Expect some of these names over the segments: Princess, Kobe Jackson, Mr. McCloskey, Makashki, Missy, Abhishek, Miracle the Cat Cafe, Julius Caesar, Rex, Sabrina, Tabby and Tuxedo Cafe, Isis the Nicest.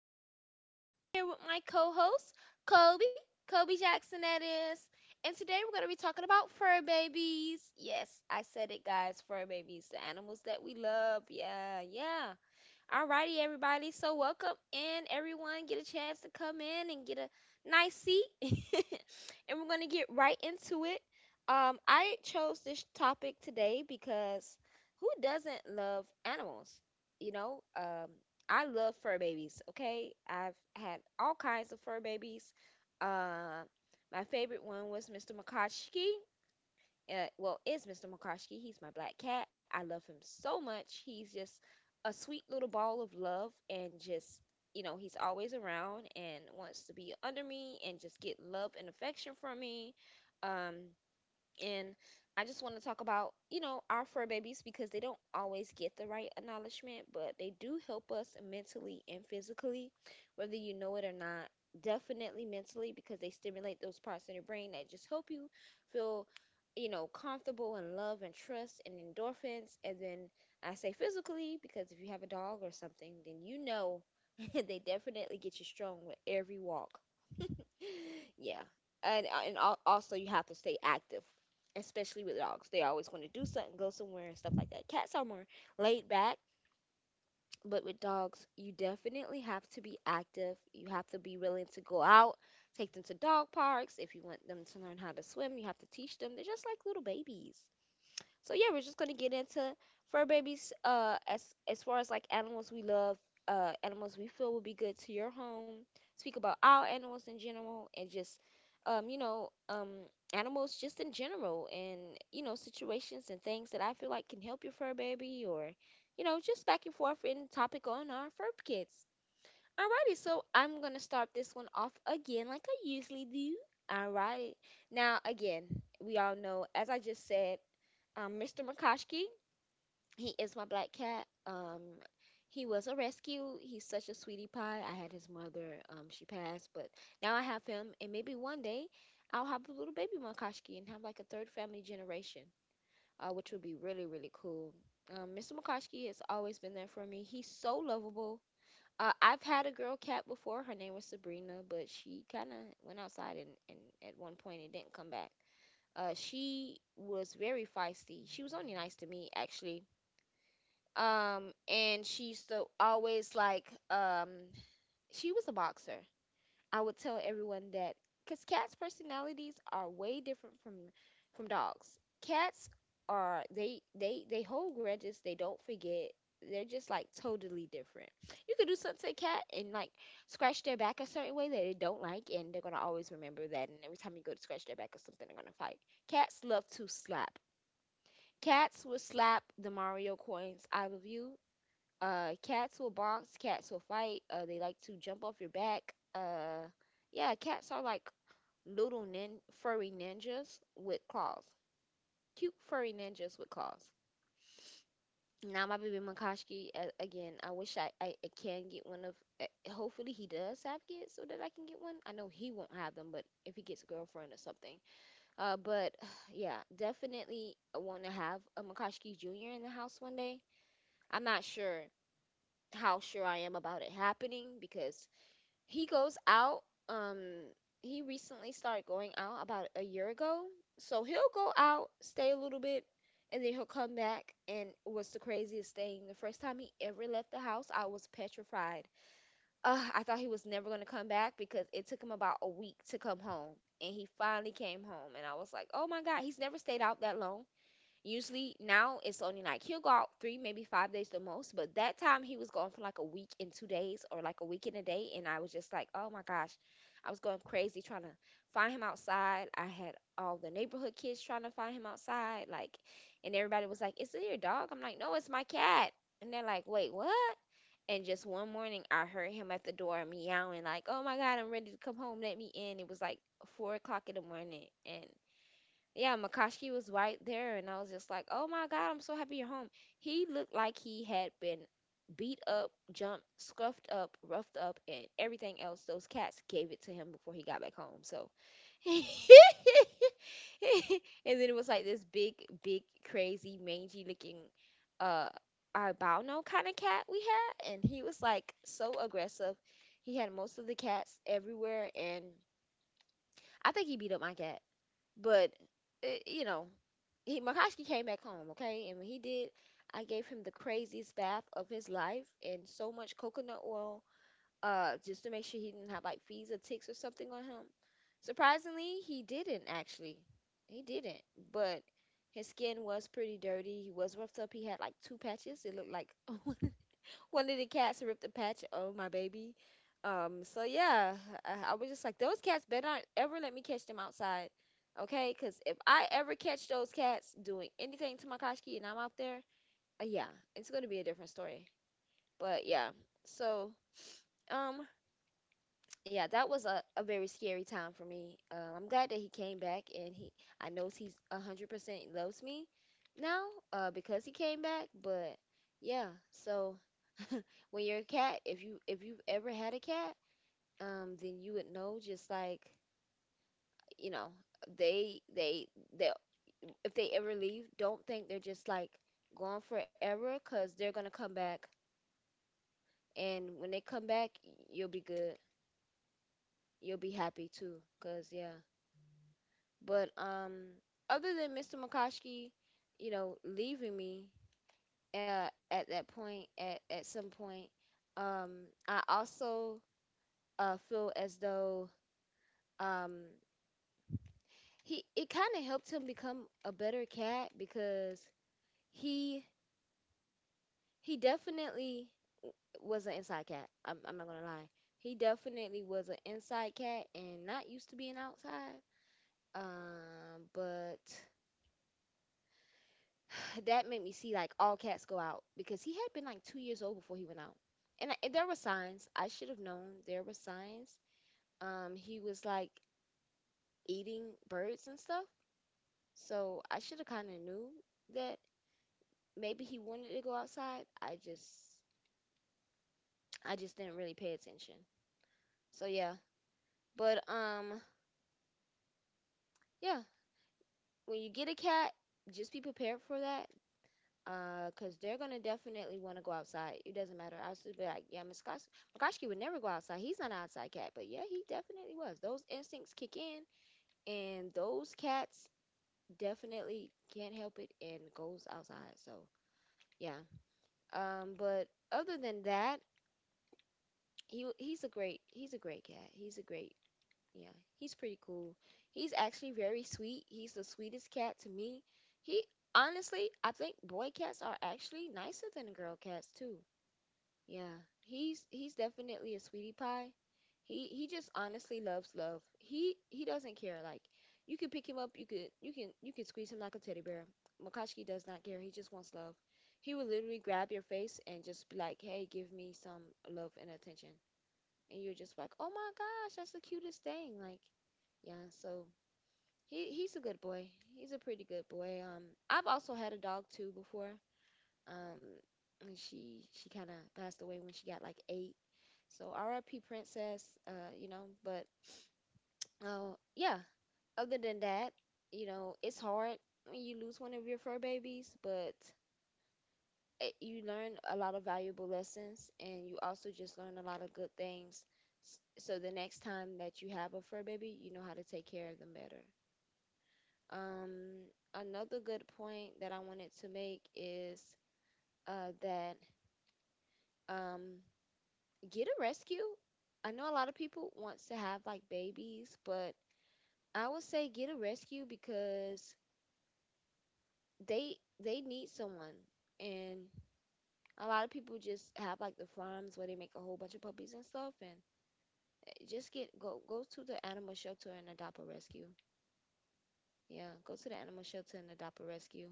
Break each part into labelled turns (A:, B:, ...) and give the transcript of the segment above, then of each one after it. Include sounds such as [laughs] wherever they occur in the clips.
A: Nicest, and I'm here with my co-host Kobe, Kobe Jackson that is. And today we're going to be talking about fur babies. Yes, I said it guys, fur babies, the animals that we love. Yeah, yeah. Alrighty, everybody. So welcome in, everyone. Get a chance to come in and get a nice seat, [laughs] and we're gonna get right into it. I chose this topic today because who doesn't love animals? You know, um, I love fur babies. Okay, I've had all kinds of fur babies. Uh, my favorite one was Mr. Makachi well, is Mr. McCloskey. He's my black cat. I love him so much. He's just a sweet little ball of love and just, you know, He's always around and wants to be under me and just get love and affection from me. Um, and I just want to talk about, our fur babies because they don't always get the right acknowledgement, but they do help us mentally and physically, whether you know it or not. Definitely mentally because they stimulate those parts in your brain that just help you feel comfortable and love and trust and endorphins. And then I say physically because if you have a dog or something, then you know [laughs] they definitely get you strong with every walk. [gasps] [laughs] Yeah. And also you have to stay active, especially with dogs. They always want to do something, go somewhere, and stuff like that. Cats are more laid back, but with dogs, you definitely have to be active. You have to be willing to go out, take them to dog parks. If you want them to learn how to swim, you have to teach them. They're just like little babies. So yeah, we're just gonna get into fur babies. As far as like animals we love, animals we feel will be good to your home. Speak about all animals in general, and just um, you know, um, animals just in general, and situations and things that I feel like can help your fur baby, or just back and forth in topic on our fur kids. Alrighty, so I'm gonna start this one off again like I usually do. Alright. Now again, we all know, as I just said, Mr. McCoskey. He is my black cat. He was a rescue. He's such a sweetie pie. I had his mother. She passed, but now I have him, and maybe one day I'll have a little baby McCoskey and have like a third family generation, which would be really really cool. Mr. McCoskey has always been there for me. He's so lovable. I've had a girl cat before. Her name was Sabrina, but she kind of went outside and at one point and didn't come back. She was very feisty. She was only nice to me, actually. And she used to always like, She was a boxer. I would tell everyone that because cats' personalities are way different from dogs. Cats are, they hold grudges. They don't forget. They're just like totally different. You could do something to a cat and like scratch their back a certain way that they don't like, and they're gonna always remember that. And every time you go to scratch their back or something, they're gonna fight. Cats love to slap. Cats will slap the Mario coins out of you. Cats will box. Cats will fight. They like to jump off your back. Yeah, cats are like furry ninjas with claws. Cute furry ninjas with claws. Now my baby Makoski again. I wish I can get one of. Hopefully he does have kids so that I can get one. I know he won't have them, but if he gets a girlfriend or something. But [sighs] yeah, definitely want to have a Makoski Junior in the house one day. I'm not sure how sure I am about it happening because he goes out. Um, he recently started going out about a year ago. So he'll go out, stay a little bit, and then he'll come back. And what's the craziest thing? The first time he ever left the house, I was petrified. Ugh, I thought he was never going to come back because it took him about a week to come home. And he finally came home. And I was like, oh my God, he's never stayed out that long. Usually now it's only like he'll go out three, maybe five days the most. But that time he was gone for like a week and 2 days or like a week and a day. And I was just like, oh my gosh, I was going crazy trying to find him outside. I had all the neighborhood kids trying to find him outside. Like, and everybody was like, is it your dog? I'm like, no, it's my cat. And they're like, wait, what? And just one morning, I heard him at the door meowing, like, oh my God, I'm ready to come home, let me in. It was like 4 o'clock in the morning. And yeah, Makashi was right there, and I was just like, "Oh my God, I'm so happy you're home." He looked like he had been beat up, jumped, scuffed up, roughed up, and everything else. Those cats gave it to him before he got back home. So, [laughs] and then it was like this big, crazy, mangy looking, uh, albino kind of cat we had, and he was like so aggressive. He had most of the cats everywhere, and I think he beat up my cat, but. Eh, you know, he Makashi came back home, okay? And when he did, I gave him the craziest bath of his life and so much coconut oil, just to make sure he didn't have like fleas or ticks or something on him. Surprisingly, he didn't actually. He didn't, but his skin was pretty dirty. He was roughed up. He had like two patches. It looked like [laughs] one of the cats ripped a patch of my baby. So yeah, I was just like, those cats better not ever let me catch them outside. Okay, because if I ever catch those cats doing anything to my koshki and I'm out there, yeah, it's going to be a different story. But yeah, so um, yeah, that was a very scary time for me. I'm glad that he came back and he, I know he's 100% loves me now, because he came back. But yeah, so when your cat, if you if you've ever had a cat, then you would know just like, you know they, they if they ever leave, don't think they're just like gone forever, because they're gonna come back, and when they come back, you'll be good, you'll be happy too, because yeah, but other than Mr. McCoskey, you know, leaving me, at that point, at some point, um I also, feel as though, um, he, it kind of helped him become a better cat because he he definitely w- was an inside cat. I'm not gonna lie. He definitely was an inside cat and not used to being outside. But [sighs] that made me see like all cats go out because he had been like 2 years old before he went out, and there were signs. I should have known there were signs. He was like eating birds and stuff, so I should have kind of knew that maybe he wanted to go outside. I just didn't really pay attention. So yeah, but um yeah, when you get a cat, just be prepared for that. Cause they're gonna definitely want to go outside. It doesn't matter. I was just be like, yeah, Mikoski would never go outside. He's not an outside cat, but yeah, he definitely was. Those instincts kick in, and those cats definitely can't help it and goes outside. So yeah. But other than that, he's a great cat. He's a great Yeah, he's pretty cool. He's actually very sweet. He's the sweetest cat to me. He honestly, I think boy cats are actually nicer than girl cats too. Yeah, he's definitely a sweetie pie. He just honestly loves love. He doesn't care. Like you can pick him up, you can squeeze him like a teddy bear. Makashki does not care. He just wants love. He will literally grab your face and just be like, "Hey, give me some love and attention." And you're just like, "Oh my gosh, that's the cutest thing!" Like yeah, so he's a good boy. He's a pretty good boy. I've also had a dog too before. Um, and she kind of passed away when she got like eight. So R.I.P. Princess. You know, but yeah. Other than that, you know, it's hard when you lose one of your fur babies, but it, you learn a lot of valuable lessons, and you also just learn a lot of good things. So the next time that you have a fur baby, you know how to take care of them better. Um, Another good point that I wanted to make is that um, get a rescue. I know a lot of people want to have like babies, but I would say get a rescue because they they need someone. And a lot of people just have like the farms where they make a whole bunch of puppies and stuff. And just get go to the animal shelter and adopt a rescue. Yeah, go to the animal shelter and adopt a rescue.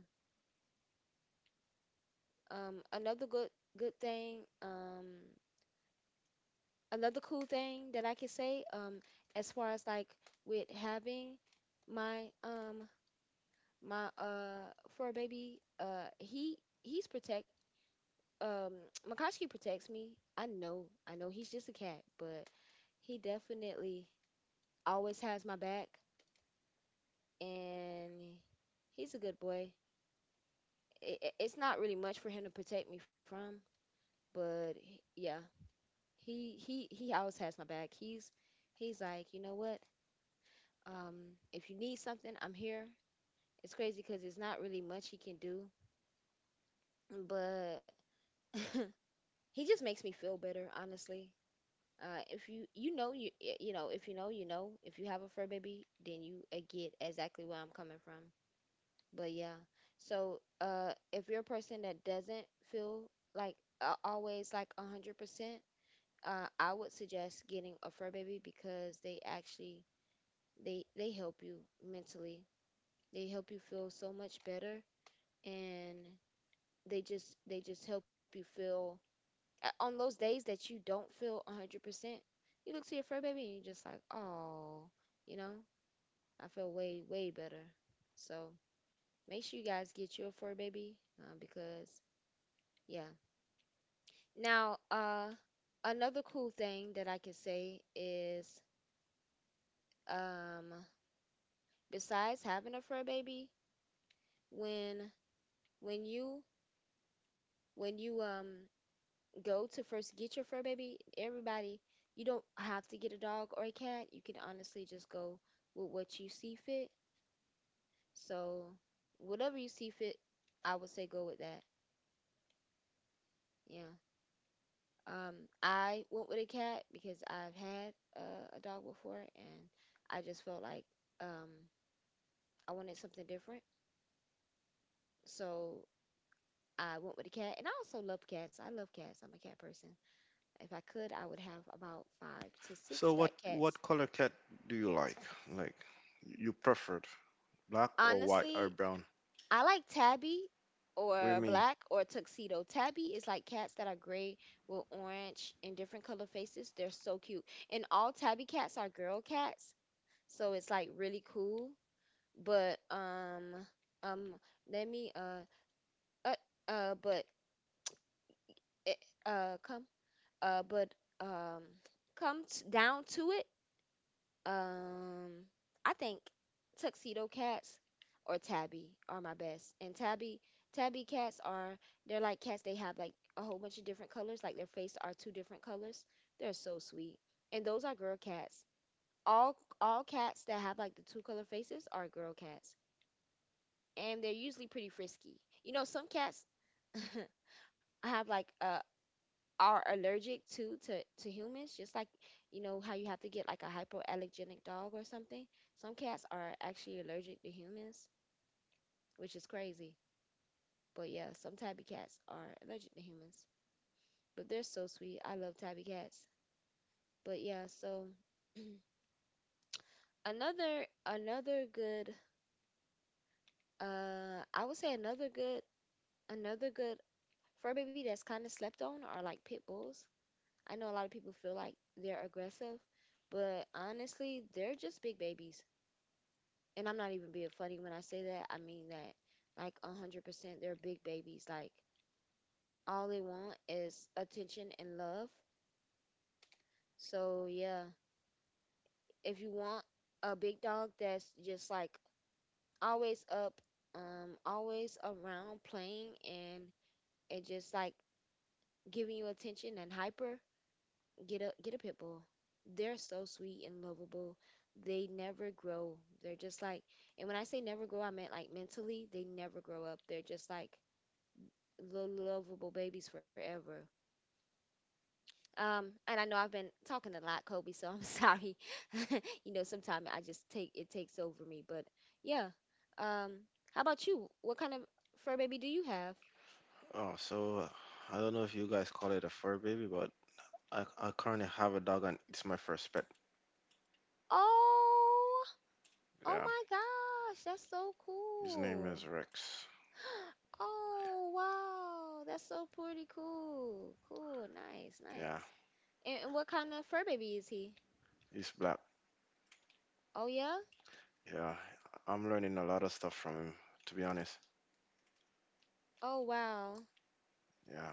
A: Another good thing. Another cool thing that I can say, as far as like with having my my fur baby, he he's protect um [tsk] Makashki protects me. I know he's just a cat, but he definitely always has my back and he's a good boy. It's not really much for him to protect me from, but yeah, he always has my back. He's like, you know what? If you need something, I'm here. It's crazy because it's not really much he can do, but [laughs] he just makes me feel better, honestly. If you you know you y- you know if you know you know if you have a fur baby, then you get exactly where I'm coming from. But yeah, so if you're a person that doesn't feel like always like 100%, I would suggest getting a fur baby because they actually they help you mentally. They help you feel so much better and they just help you feel on those days that you don't feel 100%, you look to your fur baby and you're just like, oh, you know, I feel way better. So make sure you guys get you a fur baby, because yeah. Now another cool thing that I can say is um besides having a fur baby, when when you when you go to first get your fur baby, everybody, you don't have to get a dog or a cat. You can honestly just go with what you see fit. So whatever you see fit, I would say go with that. Yeah. Um, I went with a cat because I've had a dog before, and I just felt like um, I wanted something different. So I went with a cat, and I also love cats. I love cats. I'm a cat person. If I could, I would have about five to
B: So
A: six
B: what
A: black cats.
B: what color cat do you like? Like you preferred black or white or
A: Honestly,
B: brown?
A: I like tabby
B: What do you
A: or
B: mean?
A: black or tuxedo. Tabby is like cats that are gray with orange and different color faces. They're so cute. And all tabby cats are girl cats, so it's like really cool. But um let me uh but eh, come but um come t- down to it. Um, I think tuxedo cats or tabby are my best. And tabby cats are they're like cats. They have like a whole bunch of different colors. Like their face are two different colors. They're so sweet. And those are girl cats. All cats that have like the two color faces are girl cats. And they're usually pretty frisky. You know, some cats [laughs] have like a, are allergic to humans just like, you know how you have to get like a hypoallergenic dog or something. Some cats are actually allergic to humans, which is crazy. But yeah, some tabby cats are allergic to humans, but they're so sweet. I love tabby cats. But yeah, so another another good I would say another good fur baby that's kind of slept on are like pit bulls. I know a lot of people feel like they're aggressive, but honestly they're just big babies. And I'm not even being funny when I say that. I mean that like 100%, they're big babies. Like all they want is attention and love. So yeah, if you want a big dog that's just like always up, always around playing and just like giving you attention and hyper, get a pit bull. They're so sweet and lovable. They never grow. They're just like, and when I say never grow, I meant like mentally, they never grow up. They're just like lovable babies forever. And I know I've been talking a lot, Kobe, so I'm [laughs] sorry. [laughs] You know, sometimes I just take it takes over me, but yeah. Um, how about you? What kind of fur baby do you have?
B: Oh, so I don't know if you guys call it a fur baby, but I currently have a dog and it's my first pet.
A: Oh, oh
B: Yeah,
A: my gosh, that's so
B: his name
A: cool.
B: is Rex.
A: [gasps] Oh, wow, that's so pretty cool. Cool, nice,
B: Yeah,
A: nice. And what kind of fur baby is he?
B: he's black.
A: Oh yeah?
B: Yeah, I'm learning a lot of stuff from him, to be honest.
A: Oh wow.
B: Yeah,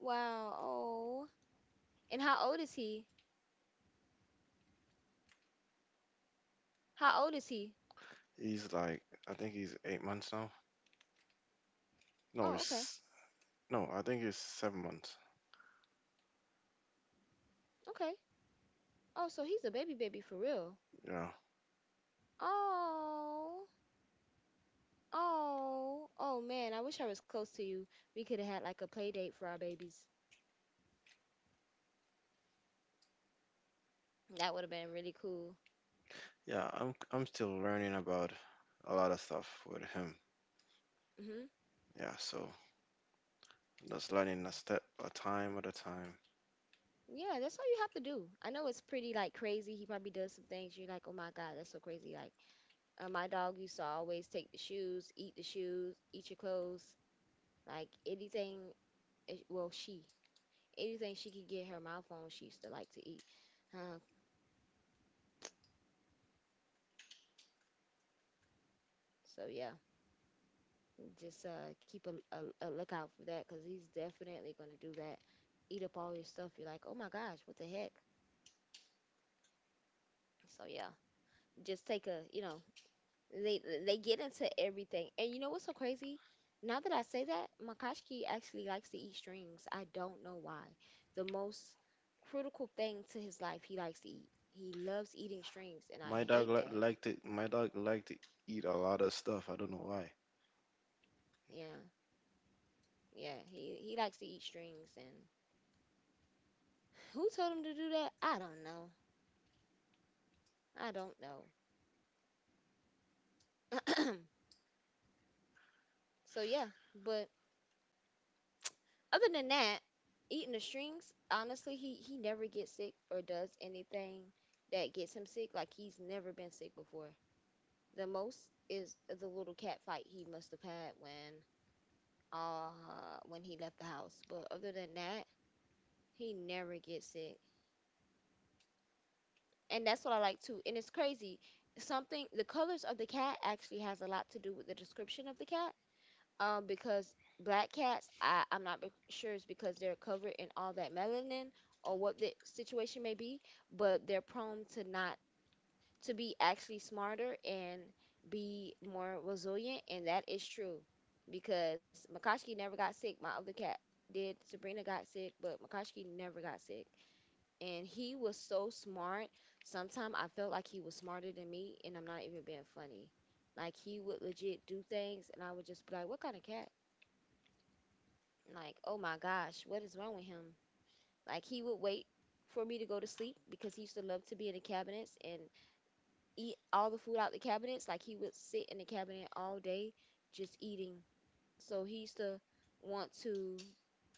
A: Wow. Oh. And how old is he? How old is he?
B: he's like, I think he's 8 months now. No,
A: Oh, okay.
B: he's, no, I think he's 7 months.
A: Okay. Oh, so he's a baby baby for real.
B: Yeah,
A: Oh. Oh. Oh man, I wish I was close to you. We could have had like a play date for our babies. That would have been really cool.
B: yeah, I'm still learning about a lot of stuff with him.
A: Mhm.
B: Yeah, so just learning a step a time at a time.
A: Yeah, that's all you have to do. I know it's pretty like crazy. He probably does some things you're like, "Oh my god, that's so crazy." Like, my dog used to always take the shoes, eat your clothes, like anything. Well, she anything she could get her mouth on, she used to like to eat. Uh, so yeah, just keep a lookout for that because he's definitely gonna do that. Eat up all your stuff. You're like, oh my gosh, what the heck? So yeah, just take a, you know, they get into everything. And you know what's so crazy? Now that I say that, Makashki actually likes to eat strings. I don't know why. The most critical thing to his life, he likes to eat. He loves eating strings, and
B: My
A: I
B: dog
A: hate
B: li-
A: that.
B: liked it. My dog liked to eat a lot of stuff. I don't know why.
A: Yeah. Yeah, he likes to eat strings and who told him to do that? I don't know. I don't know. [clears throat] So yeah, but other than that, eating the strings, honestly, he never gets sick or does anything that gets him sick. Like he's never been sick before. The most is the little cat fight he must have had when he left the house. But other than that, he never gets sick. And that's what I like too. And it's crazy. Something, the colors of the cat actually has a lot to do with the description of the cat. Because black cats, I I'm not be- sure it's because they're covered in all that melanin or what the situation may be, but they're prone to not to be actually smarter and be more resilient, and that is true. Because Makashki never got sick. My other cat did. Sabrina got sick, but Makashki never got sick and he was so smart. Sometimes I felt like he was smarter than me, and I'm not even being funny. Like he would legit do things, and I would just be like, "What kind of cat?" Like, "Oh my gosh, what is wrong with him?" Like he would wait for me to go to sleep because he used to love to be in the cabinets and eat all the food out the cabinets. Like he would sit in the cabinet all day just eating. So he used to want to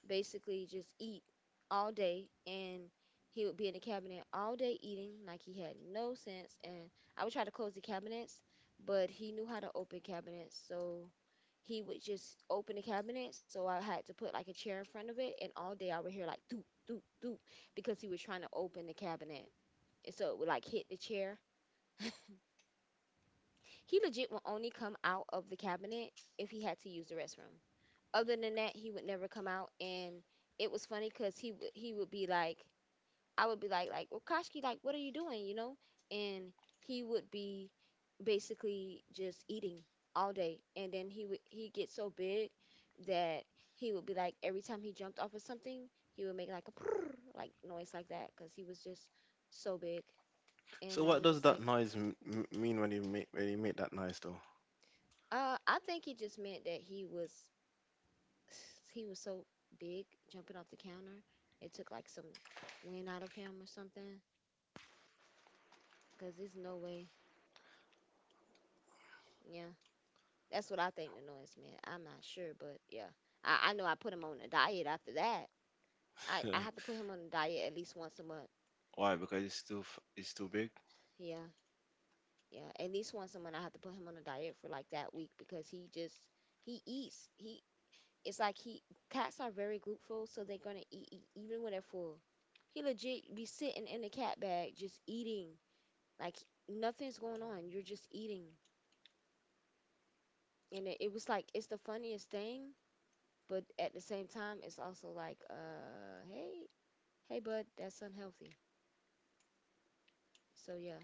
A: basically just eat all day, and he would be in the cabinet all day eating like he had no sense. And I would try to close the cabinets, but he knew how to open cabinets, so he would just open the cabinet. So I had to put like a chair in front of it, and all day I would hear like doop doop doop because he was trying to open the cabinet, and so it would like hit the chair. [laughs] He legit would only come out of the cabinet if he had to use the restroom. Other than that, he would never come out. And it was funny because he would be like, I would be like, well, like, what are you doing? You know? And he would be basically just eating all day. And then he would he get so big that he would be like, every time he jumped off of something, he would make like a prrr, like noise like that because he was just so big.
B: So
A: And I
B: what
A: was
B: does
A: just
B: that
A: like,
B: noise mean when he make that noise though?
A: I think he just meant that he was so big jumping off the counter. It took like some wind out of him or something. Cause there's no way. Yeah, that's what I think the noise meant. I'm not sure, but yeah, I know I put him on a diet after that. I have
B: [laughs]
A: to put him on a diet at least once a month.
B: Why? Because it's it's too big?
A: Yeah, yeah, at least once a month I have to put him on a diet for like that week because he just he eats he. It's like he, cats are very glutenful, so they're gonna eat even when they're full. He legit be sitting in the cat bag just eating. Like nothing's going on. You're just eating. And it was like it's the funniest thing, but at the same time it's also like, hey bud, that's unhealthy. So yeah.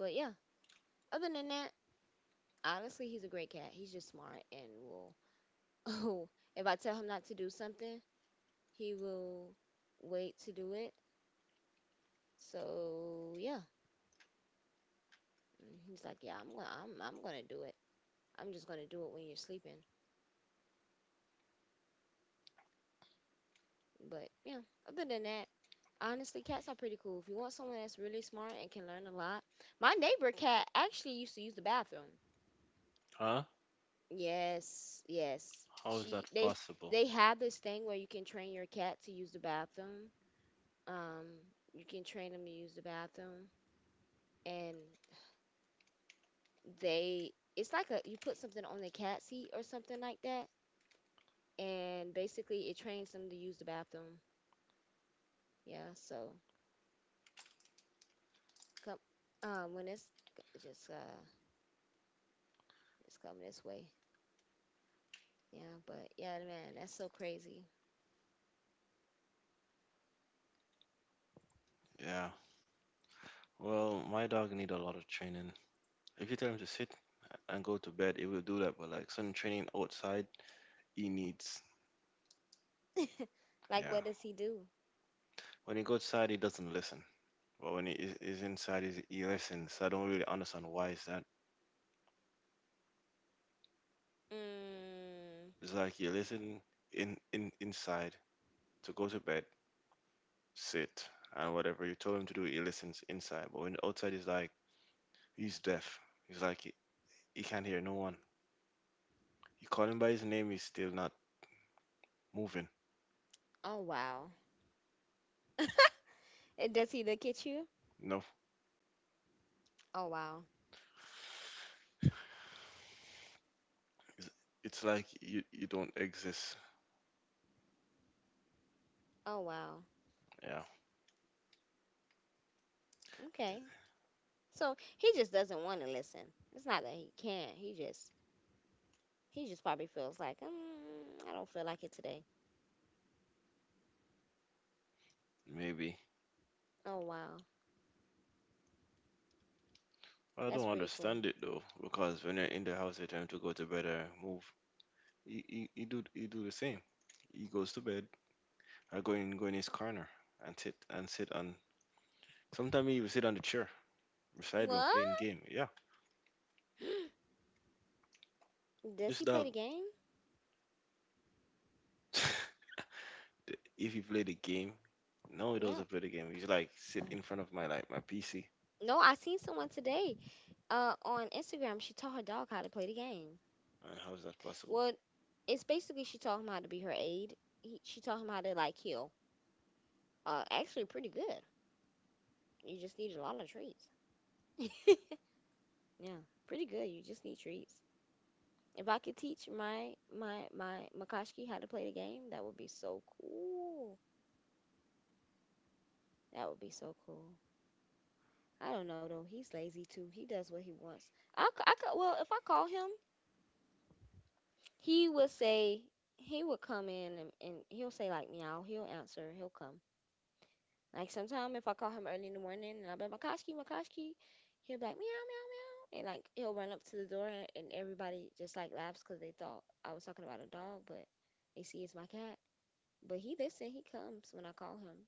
A: But yeah, other than that, honestly he's a great cat. He's just smart and will [laughs] oh if I tell him not to do something, he will wait to do it. So yeah. And he's like, yeah, I'm gonna do it. I'm just gonna do it when you're sleeping. But yeah, other than that, honestly, cats are pretty cool. If you want someone that's really smart and can learn a lot, my neighbor cat actually used to use the bathroom.
B: Huh?
A: Yes, yes.
B: How is that
A: She
B: possible?
A: they have this thing where you can train your cat to use the bathroom. Um, you can train them to use the bathroom, and they, it's like a, you put something on the cat seat or something like that, and basically it trains them to use the bathroom. Yeah, so come when it's just it's coming this way. Yeah, but yeah, man, that's so crazy.
B: Yeah. Well, my dog need a lot of training. If you tell him to sit and go to bed, it will do that. But like some training outside, he needs.
A: [laughs] Like,
B: Yeah.
A: what does he do?
B: When he goes outside, he doesn't listen. But when it is inside, is he listens. I don't really understand why is that.
A: Mm.
B: It's like you listen in inside to go to bed, sit, and whatever you told him to do, he listens inside. But when outside is like he's deaf. He's like he, he can't hear no one. You call him by his name, he's still not moving.
A: Oh, wow. Does he look at you?
B: No,
A: Oh, wow.
B: it's, it's like you don't exist.
A: Oh, wow.
B: Yeah,
A: Okay. So he just doesn't want to listen. It's not that he can't. He just probably feels like, I don't feel like it today.
B: maybe.
A: Oh, wow. That's
B: I
A: pretty
B: don't
A: cool.
B: understand it though, because when you're in the house, you're trying to go to bed or move. He do the same. He goes to bed, I go in go in his corner and sit on. Sometimes he will sit on the chair beside
A: What?
B: me playing game. Yeah,
A: [gasps] Does
B: this
A: he play the
B: dog.
A: game?
B: [laughs] the- if he play the game, no, he
A: Yeah.
B: doesn't play the game. He's like
A: Uh,
B: sit in front of my PC.
A: No, I seen someone today on Instagram. She taught her dog how to play the game.
B: And how is that possible?
A: Well, it's basically she taught him how to be her aide. She taught him how to like heal. Actually, pretty good. You just need a lot of treats. [laughs] Yeah, pretty good. You just need treats. If I could teach my Makashki how to play the game, that would be so cool. That would be so cool. I don't know though. He's lazy too. He does what he wants. I could, well if I call him, he would say he would come in and, he'll say like meow. He'll answer. He'll come. Like sometimes if I call him early in the morning and I'll be like, Makoski, Makoski, he'll be like, meow, meow, meow. And like he'll run up to the door and everybody just like laughs because they thought I was talking about a dog, but they see it's my cat. But he listen, he comes when I call him.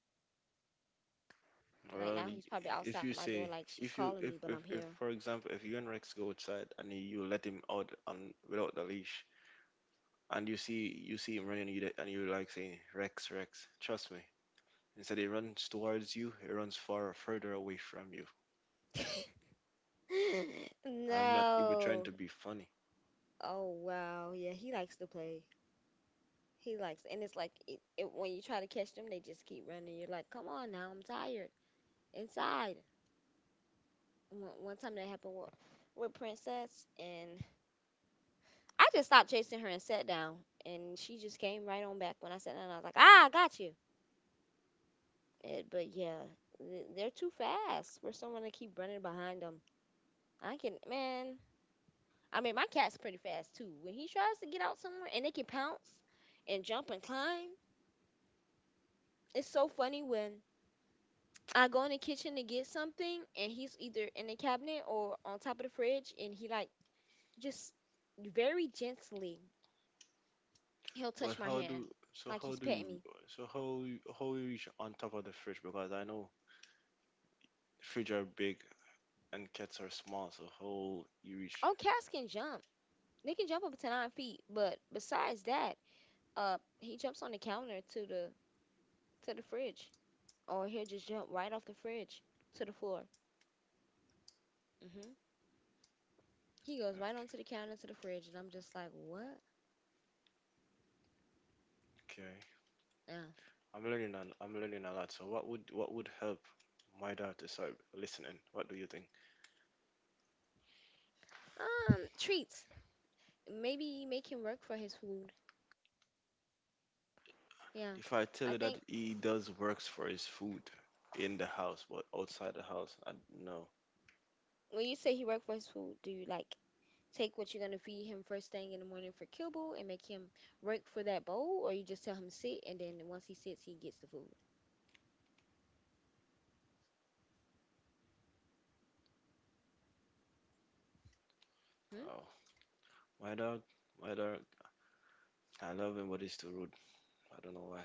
A: Right
B: Well,
A: now he's probably outside
B: if you
A: my door
B: say
A: like, she's calling me, but I'm here.
B: if for example if you and Rex go outside and you let him out on without the leash and you see him running you d- and you like saying Rex trust me, instead he runs towards you, he runs far further away from you.
A: [laughs]
B: I'm not even trying
A: No.
B: to be funny.
A: Oh wow. Yeah, he likes to play. He likes, and it's like when you try to catch them, they just keep running. You're like, come on now, I'm tired. Inside. One time that happened with Princess, and I just stopped chasing her and sat down, and she just came right on back when I sat down. I was like, ah, I got you. Eh, but yeah, they're too fast for someone to keep running behind them. I can, man. I mean, my cat's pretty fast too. When he tries to get out somewhere and they can pounce and jump and climb, it's so funny when I go in the kitchen to get something and he's either in the cabinet or on top of the fridge, and he like just very gently he'll
B: But
A: touch my
B: how
A: hand
B: do so
A: like
B: how
A: he's
B: do
A: petting
B: you
A: me.
B: how you reach on top of the fridge? Because I know fridge are big and cats are small. So how you reach?
A: Oh, cats can jump. They can jump up to 9 feet, but besides that, he jumps on the counter to the fridge, or he'll just jump right off the fridge to the floor. Hmm. He goes right onto the counter to the fridge, and I'm just like, what?
B: Okay,
A: Yeah.
B: I'm learning a lot. So what would help my dad to start listening? What do you think?
A: Treats. Maybe make him work for his food. Yeah.
B: If I tell
A: I
B: you
A: think
B: that he does works for his food in the house, but outside the house, I no.
A: when you say he worked for his food, do you like take what you're gonna feed him first thing in the morning for kibble and make him work for that bowl, or you just tell him sit and then once he sits, he gets the food. Hmm?
B: Oh, my dad, my dad, I love him, but he's too rude. I don't know why.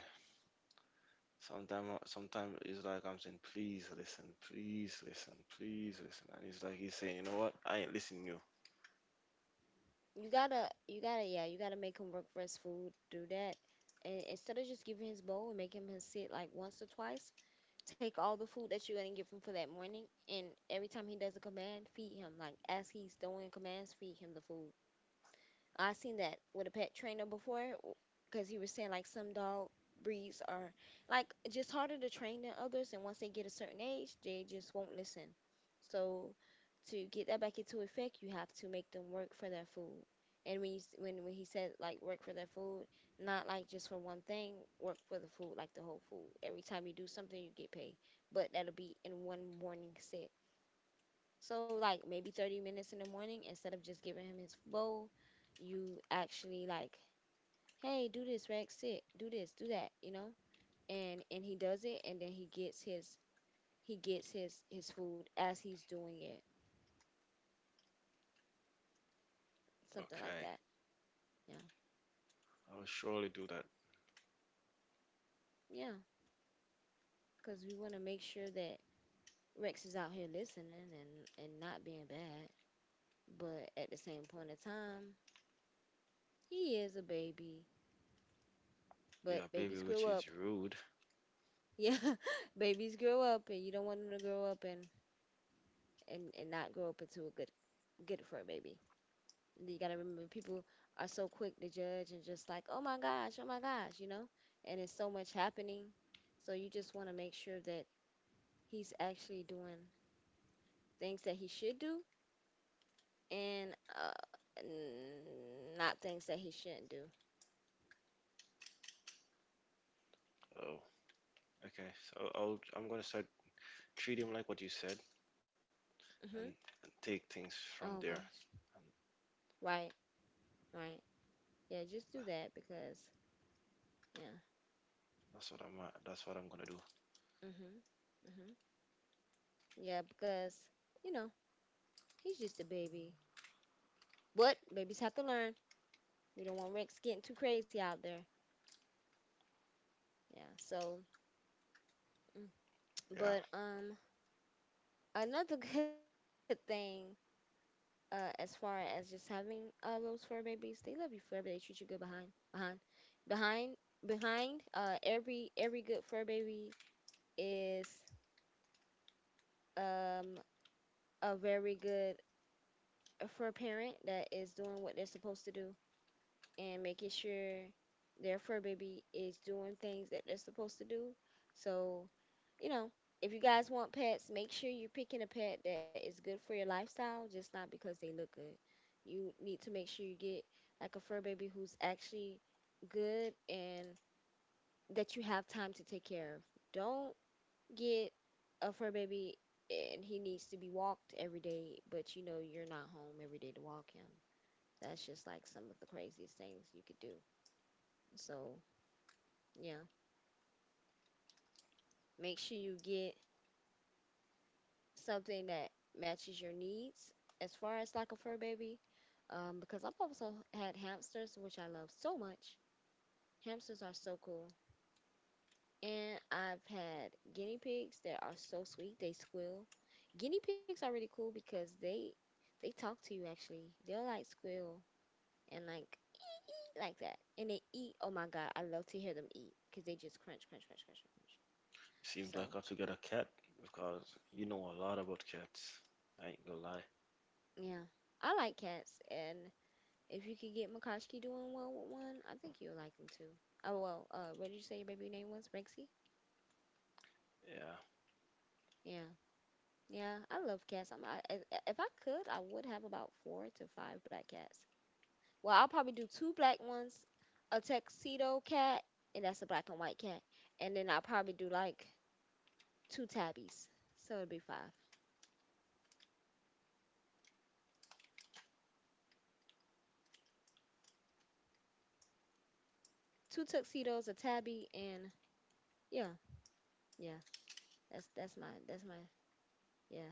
B: Sometimes it's like I'm saying, please listen, please listen, please listen, and it's like he's saying, you know what? I ain't listening to you.
A: You gotta, yeah, you gotta make him work for his food. Do that, and instead of just giving his bowl and making him sit like once or twice, take all the food that you're gonna give him for that morning, and every time he does a command, feed him. Like as he's doing commands, feed him the food. I seen that with a pet trainer before, because he was saying like some dog breeds are like just harder to train than others, and once they get a certain age, they just won't listen. So to get that back into effect, you have to make them work for their food. And when you s- when he said like work for their food, not like just for one thing, work for the food like the whole food. Every time you do something, you get paid, but that'll be in one morning set. So like maybe 30 minutes in the morning, instead of just giving him his bowl, you actually like, hey, do this, Rex, sit, do this, do that, you know? And he does it and then he gets his food as he's doing it. Something like
B: Okay,
A: that. Yeah.
B: I will surely do that.
A: Yeah. Cause we wanna make sure that Rex is out here listening and not being bad. But at the same point of time, he is a baby.
B: Yeah,
A: But
B: baby,
A: babies grow
B: which is
A: up. [laughs]
B: rude.
A: Yeah. Babies grow up and you don't want them to grow up and and not grow up into a good fur baby. You gotta remember, people are so quick to judge and just like, oh my gosh, you know. And it's so much happening, so you just want to make sure that he's actually doing things that he should do and not things that he shouldn't do.
B: Oh, okay. So I'm gonna start treat him like what you said, and,
A: Hmm.
B: and take things from there.
A: Oh
B: And
A: gosh. Right. Right. Yeah. Just
B: uh,
A: do that because yeah.
B: That's what I'm gonna do.
A: Mhm. Mhm. Yeah. Because you know he's just a baby. But babies have to learn. We don't want Rex getting too crazy out there. Yeah, so mm,
B: Yeah.
A: but another [laughs] good thing as far as just having those fur babies, they love you forever. They treat you good. Behind behind behind behind Every good fur baby is um a very good fur parent that is doing what they're supposed to do and making sure their fur baby is doing things that they're supposed to do. So you know, if you guys want pets, make sure you're picking a pet that is good for your lifestyle, just not because they look good. You need to make sure you get like a fur baby who's actually good and that you have time to take care of. Don't get a fur baby and he needs to be walked every day, but you know you're not home every day to walk him. That's just like some of the craziest things you could do. So, yeah, make sure you get something that matches your needs as far as like a fur baby. Because I've also had hamsters, which I love so much. Hamsters are so cool. And I've had guinea pigs that are so sweet. They squeal. Guinea pigs are really cool because they talk to you actually. They'll like squeal and like [laughs] like that. And they eat. Oh my god, I love to hear them eat because they just crunch, crunch, crunch, crunch, crunch.
B: Seems
A: So
B: like I have to get a cat because you know a lot about cats. I ain't gonna lie.
A: yeah, I like cats, and if you could get Mikoski doing well with one, I think you'll like him too. Oh well, what did you say your baby name was? Rexy?
B: Yeah.
A: Yeah, yeah. I love cats. If I could, I would have about four to five black cats. Well, I'll probably do two black ones, a tuxedo cat, and that's a black and white cat, and then I'll probably do like two tabbies. So it'd be five. Two tuxedos, a tabby, and yeah, yeah. That's my yeah,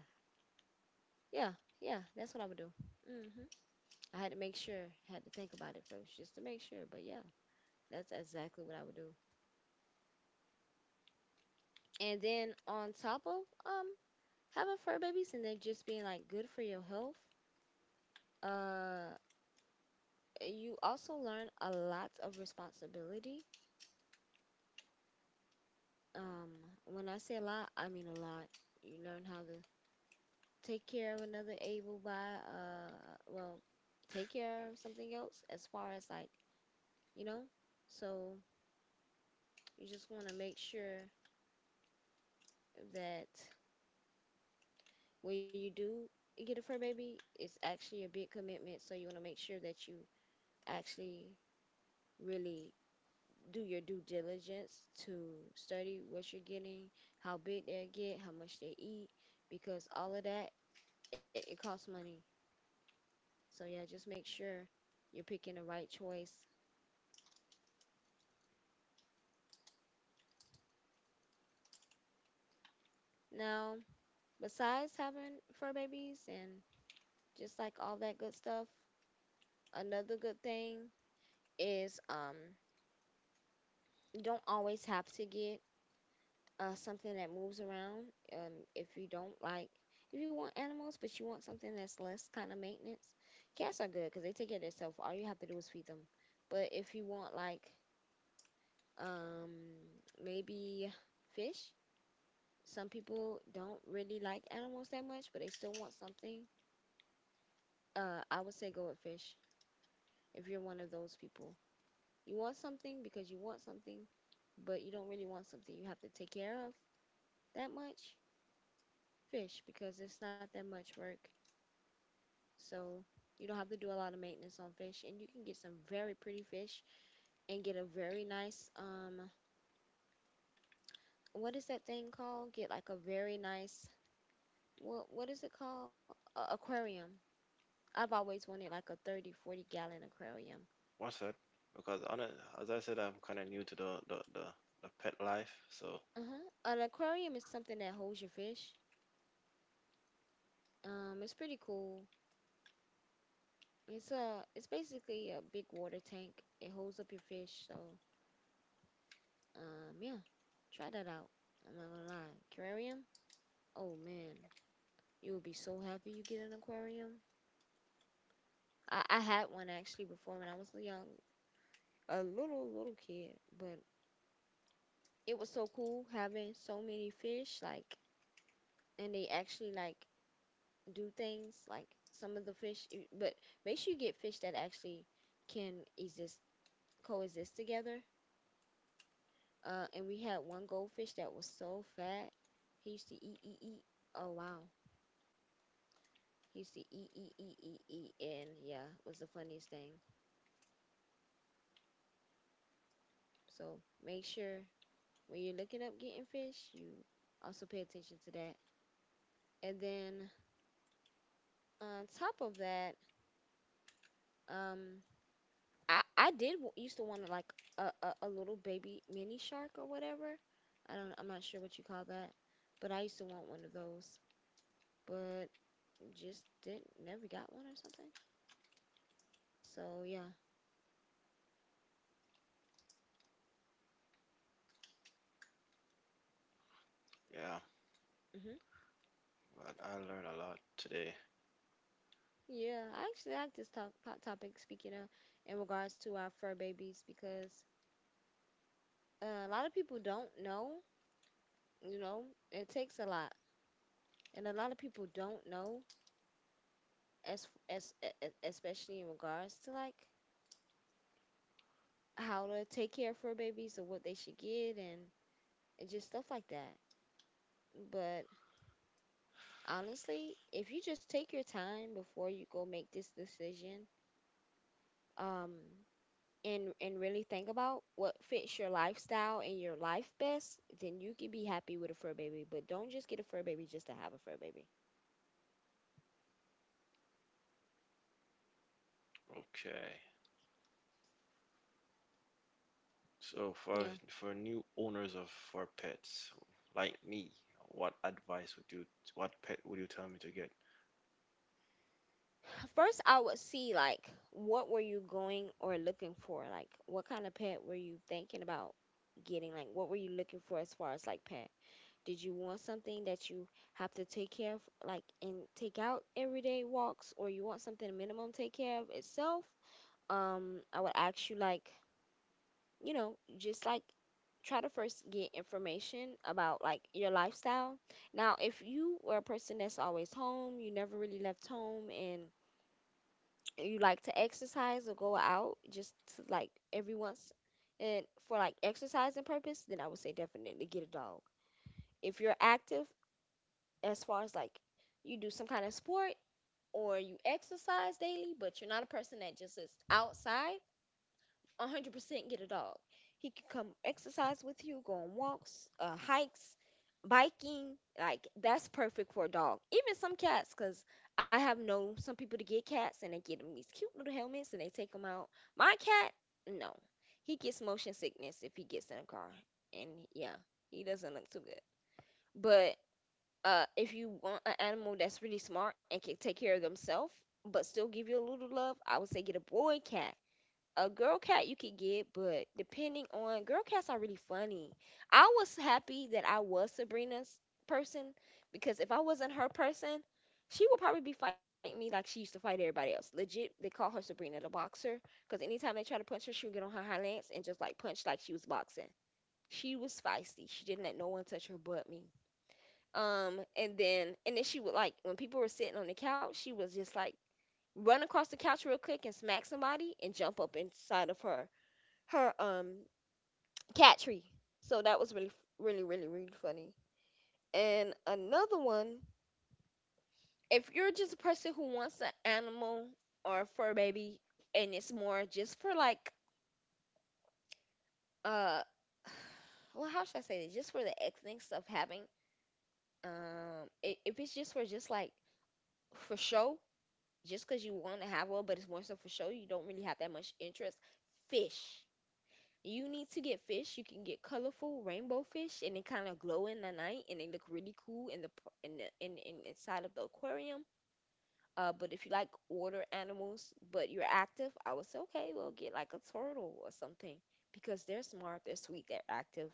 A: yeah, yeah. That's what I would do. Hmm. I had to make sure, had to think about it first just to make sure. But yeah, that's exactly what I would do. And then on top of having fur babies and they just being like good for your health, uh you also learn a lot of responsibility. Um when I say a lot, I mean a lot. You learn how to take care of another able by uh well, take care of something else as far as like, you know? So you just want to make sure that when you do get a fur baby, it's actually a big commitment. So you want to make sure that you actually really do your due diligence to study what you're getting, how big they get, how much they eat, because all of that it costs money. So yeah, just make sure you're picking the right choice. Now, besides having fur babies and just like all that good stuff, another good thing is you don't always have to get something that moves around. Um, if you don't like, if you want animals but you want something that's less kind of maintenance, cats are good because they take care of themselves. All you have to do is feed them. But if you want like um maybe fish, some people don't really like animals that much, but they still want something. I would say go with fish if you're one of those people. You want something because you want something, but you don't really want something you have to take care of that much. Fish, because it's not that much work. So you don't have to do a lot of maintenance on fish, and you can get some very pretty fish and get a very nice what is that thing called? Get like a very nice what is it called? A aquarium. I've always wanted like a 30-40 gallon aquarium.
B: What's that? Because as I said, I'm kind of new to the pet life. So
A: Uh-huh. An aquarium is something that holds your fish. It's pretty cool. It's basically a big water tank. It holds up your fish, so yeah. Try that out. I'm not gonna lie. Aquarium? Oh man, you would be so happy you get an aquarium. I had one actually before when I was young, a little kid, but it was so cool having so many fish. Like, and they actually like do things like some of the fish, but make sure you get fish that actually can exist coexist together. And we had one goldfish that was so fat. He used to eat eat eat. Oh wow. He used to eat eat eat eat eat, and yeah, it was the funniest thing. So make sure when you're looking up getting fish, you also pay attention to that. And then on top of that, um, I did used to want to like a little baby mini shark or whatever. I'm not sure what you call that, but I used to want one of those, but just didn't never got one or something. So yeah.
B: yeah,
A: Hmm.
B: but I learned a lot today.
A: Yeah, I actually like this topic, speaking of in regards to our fur babies, because a lot of people don't know, you know, it takes a lot, and a lot of people don't know as especially in regards to like how to take care of fur babies or what they should get, and just stuff like that. But honestly, if you just take your time before you go make this decision, um and really think about what fits your lifestyle and your life best, then you can be happy with a fur baby. But don't just get a fur baby just to have a fur baby.
B: Okay. So for
A: Yeah.
B: new owners of for pets like me, what advice would you, what pet would you tell me to get?
A: First, I would see like what were you going or looking for? Like, what kind of pet were you thinking about getting? Like, what were you looking for as far as like pet? Did you want something that you have to take care of like and take out everyday walks, or you want something minimum take care of itself? I would ask you like, just like try to first get information about like your lifestyle. Now, if you were a person that's always home, you never really left home, and you like to exercise or go out just to, like every once and for like exercising purpose, then I would say definitely get a dog. If you're active as far as like you do some kind of sport or you exercise daily, but you're not a person that just is outside, 100% get a dog. He can come exercise with you, go on walks, hikes, biking. Like, that's perfect for a dog. Even some cats, because I have known some people to get cats and they get them these cute little helmets and they take them out. My cat, no. He gets motion sickness if he gets in a car. And yeah, he doesn't look too good. But if you want an animal that's really smart and can take care of themselves, but still give you a little love, I would say get a boy cat, a girl cat you could get, but depending on, girl cats are really funny. I was happy that I was Sabrina's person, because if I wasn't her person, she would probably be fighting me like she used to fight everybody else. Legit, they call her Sabrina the boxer because anytime they try to punch her, she would get on her high lance and just like punch like she was boxing. She was feisty. She didn't let no one touch her but me. And then she would like, when people were sitting on the couch, she was just like run across the couch real quick and smack somebody and jump up inside of her cat tree. So that was really really really really funny. And another one, if you're just a person who wants an animal or a fur baby and it's more just for like uh [sighs] well, how should I say this? Just for the ethics of having if it's just for just like for show, just 'cause you want to have one but it's more so for show, you don't really have that much interest. Fish. You need to get fish. You can get colorful rainbow fish, and they kind of glow in the night, and they look really cool in the p- in the in inside of the aquarium. But if you like water animals, but you're active, I would say okay, well get like a turtle or something, because they're smart, they're sweet, they're active.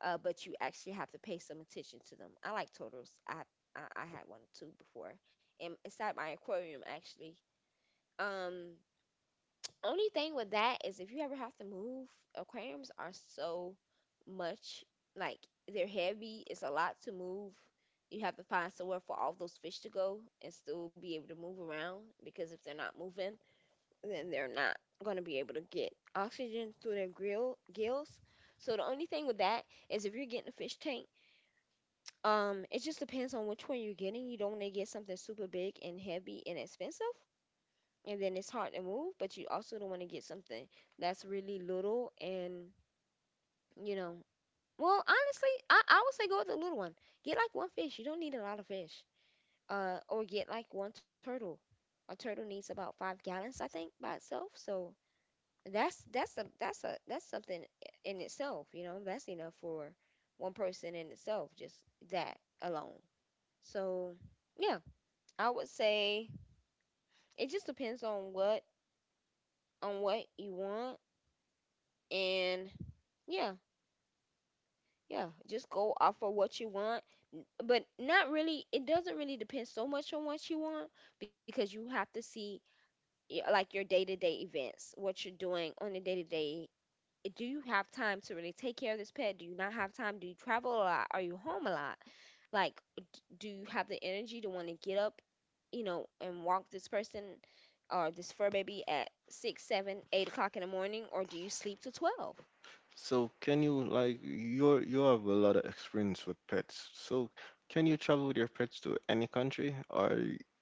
A: But you actually have to pay some attention to them. I like turtles. I had one too before, and inside my aquarium actually. Um, only thing with that is if you ever have to move, aquariums are so much, like, they're heavy. It's a lot to move. You have to find somewhere for all those fish to go and still be able to move around, because if they're not moving, then they're not going to be able to get oxygen through their grill gills. So the only thing with that is if you're getting a fish tank, it just depends on which one you're getting. You don't want to get something super big and heavy and expensive and then it's hard to move, but you also don't want to get something that's really little and you know. Well, honestly, I would say go with the little one. Get like one fish. You don't need a lot of fish. Or get like one turtle. A turtle needs about 5 gallons, I think, by itself. So that's something in itself. You know, that's enough for one person in itself. Just that alone. So yeah, I would say it just depends on what you want, and yeah, yeah, just go off of what you want. But not really, it doesn't really depend so much on what you want, because you have to see like your day-to-day events, what you're doing on a day-to-day. Do you have time to really take care of this pet? Do you not have time? Do you travel a lot? Are you home a lot? Like, do you have the energy to want to get up, and walk this person or this fur baby at 6 7 8 o'clock in the morning, or do you sleep to 12?
B: So can you, like, you're, you have a lot of experience with pets. So can you travel with your pets to any country or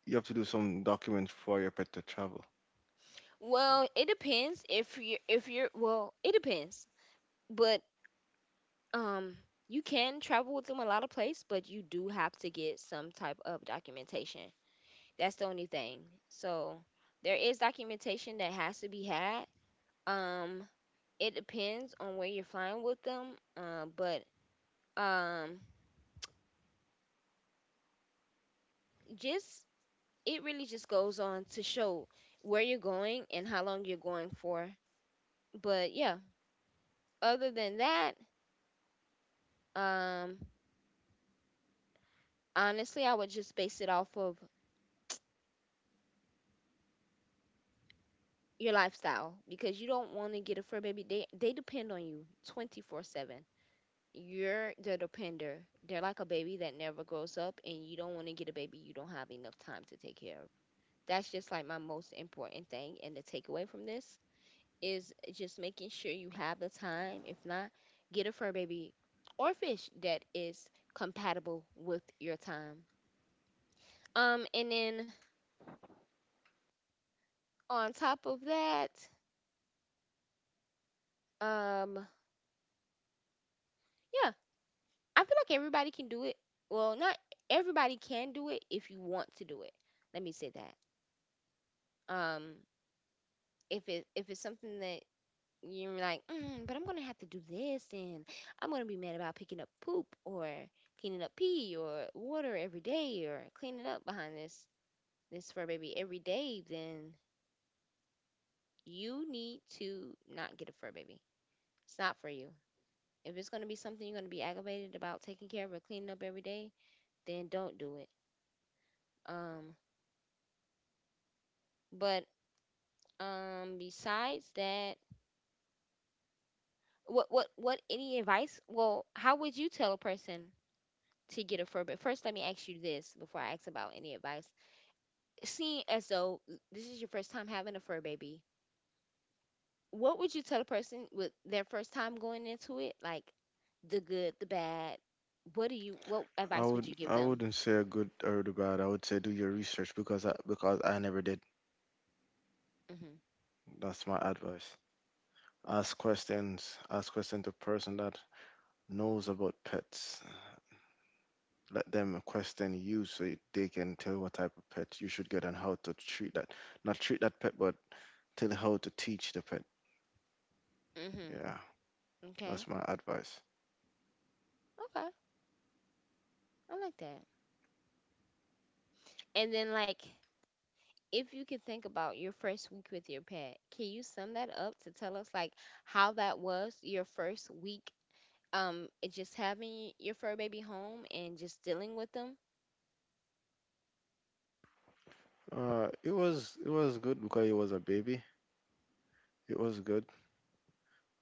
B: you have to do some documents for your pet to travel?
A: Well, it depends if you if you're well, it depends. But um you can travel with them a lot of place, but you do have to get some type of documentation. That's the only thing. So there is documentation that has to be had. Um it depends on where you're flying with them. But um just it really just goes on to show where you're going and how long you're going for. But yeah, other than that, um honestly, I would just base it off of your lifestyle because you don't want to get a fur baby. They depend on you 24/7. You're the depender. They're like a baby that never grows up, and you don't want to get a baby you don't have enough time to take care of. That's just like my most important thing, and the takeaway from this is just making sure you have the time. If not, get a fur baby or fish that is compatible with your time. And then on top of that, um, yeah, I feel like everybody can do it. Well, not everybody can do it if you want to do it. Let me say that. Um, if it's something that you're like, mm, but I'm gonna have to do this, and I'm gonna be mad about picking up poop or cleaning up pee or water every day or cleaning up behind this fur baby every day, then you need to not get a fur baby. It's not for you. If it's gonna be something you're gonna be aggravated about taking care of or cleaning up every day, then don't do it. Um, but besides that, what any advice? Well, how would you tell a person to get a fur? But first, let me ask you this before I ask about any advice. Seeing as though this is your first time having a fur baby, what would you tell a person with their first time going into it? Like the good, the bad. What do you? What advice would you give
B: I
A: them?
B: wouldn't say a good or the bad. I would say do your research because I never did.
A: Mhm.
B: That's my advice. Ask questions. Ask questions to person that knows about pets. Let them question you so they can tell what type of pet you should get and how to treat that. Not treat that pet, but tell how to teach the pet.
A: Mhm.
B: Yeah, that's
A: Okay.
B: my advice.
A: Okay. I like that. And then like if you could think about your first week with your pet, can you sum that up to tell us like how that was your first week? It just having your fur baby home and just dealing with them.
B: It was good because he was a baby. It was good.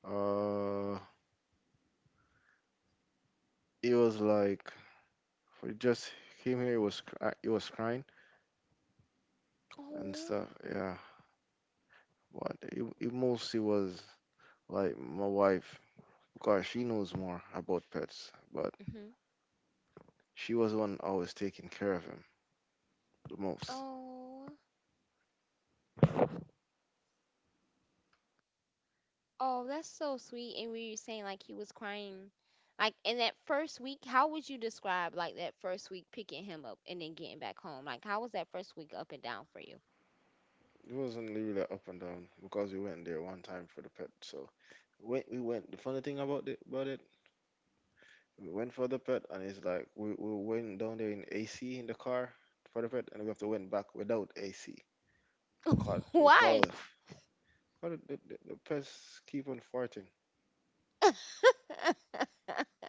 B: Uh, it was like we just came here. It was it was crying and
A: Oh,
B: stuff. Yeah, but it mostly was like my wife because she knows more about pets, but
A: hmm.
B: she was the one always taking care of him the most.
A: Oh, oh, that's so sweet. And we were saying like he was crying, like in that first week. How would you describe like that first week picking him up and then getting back home? Like how was that first week up and down for you?
B: It wasn't really like up and down because we went there one time for the pet. So we went. The funny thing about it, we went for the pet and it's like we went down there in AC in the car for the pet and we have to went back without AC.
A: [laughs]
B: Caught we
A: Why?
B: call, caught it, the pets keep on farting.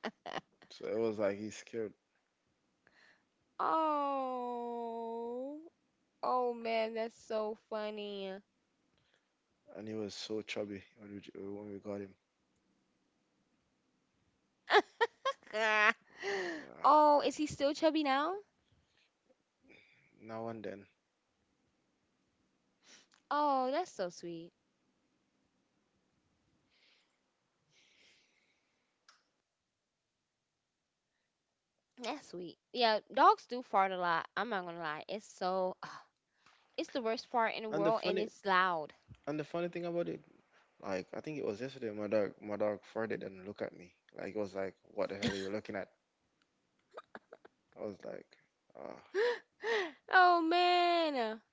A: [laughs]
B: So it was like he's scared.
A: Oh, oh man, that's so funny.
B: And he was so chubby when when we got him.
A: [laughs]
B: Yeah,
A: Oh, is he still chubby now?
B: now and then.
A: Oh, that's so sweet. That's sweet. Yeah, dogs do fart a lot. I'm not gonna lie. It's so, [sighs] it's the worst fart in the
B: And
A: world, and it's loud. [gasps] [laughs]
B: the funny thing about it, like I think it was yesterday, my dog farted and looked at me. Like it was like, what the hell are you looking at? I was like, ah,
A: Oh man.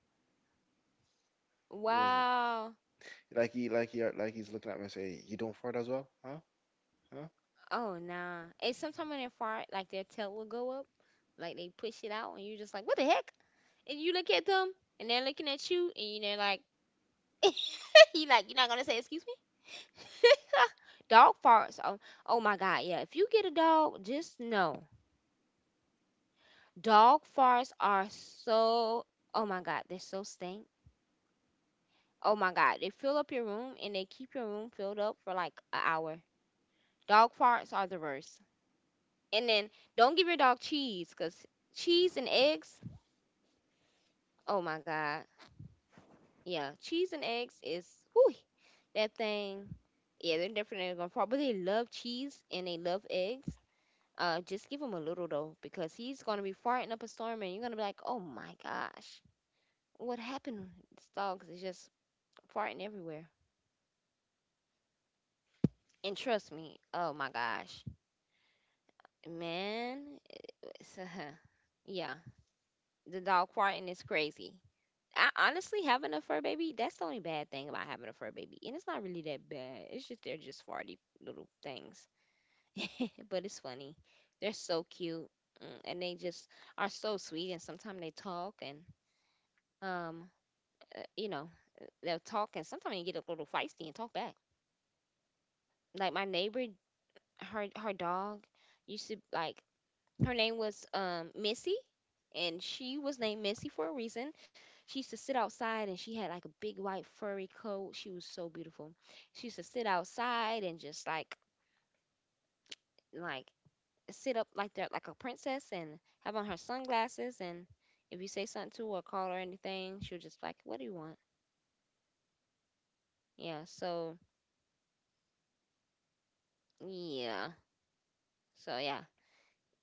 B: it was
A: Wow.
B: like he's looking at me and say, you don't fart as well, huh? Huh?
A: Oh nah. And sometimes when they fart, like their tail will go up, like they push it out, and you're just like, what the heck? And you look at them, and they're looking at you, and you're like, [laughs] you like you're not gonna say excuse me. [laughs] Dog farts, oh, oh my god. Yeah, if you get a dog, just know dog farts are so, oh my god, they're so stink. Oh my god, they fill up your room, and they keep your room filled up for like an hour. Dog farts are the worst. And then don't give your dog cheese, because cheese and eggs, oh my god. Yeah, cheese and eggs is, whew, that thing. Yeah, they're definitely gonna fart, but they love cheese and they love eggs. Just give him a little though, because he's gonna be farting up a storm, and you're gonna be like, "Oh my gosh, what happened? This dog is just farting everywhere." And trust me, oh my gosh, man, it's, [laughs] yeah, the dog farting is crazy. I, honestly, having a fur baby, that's the only bad thing about having a fur baby, and it's not really that bad. It's just they're just farty little things, [laughs] but it's funny. They're so cute, mm, and they just are so sweet, and sometimes they talk, and um, you know, they'll talk and sometimes you get a little feisty and talk back. Like my neighbor, her dog used to like, her name was Missy, and she was named Missy for a reason. She used to sit outside and she had like a big white furry coat. She was so beautiful. She used to sit outside and just like sit up like that like a princess and have on her sunglasses, and if you say something to her or call her anything, she'll just like, what do you want? Yeah, so yeah. So yeah.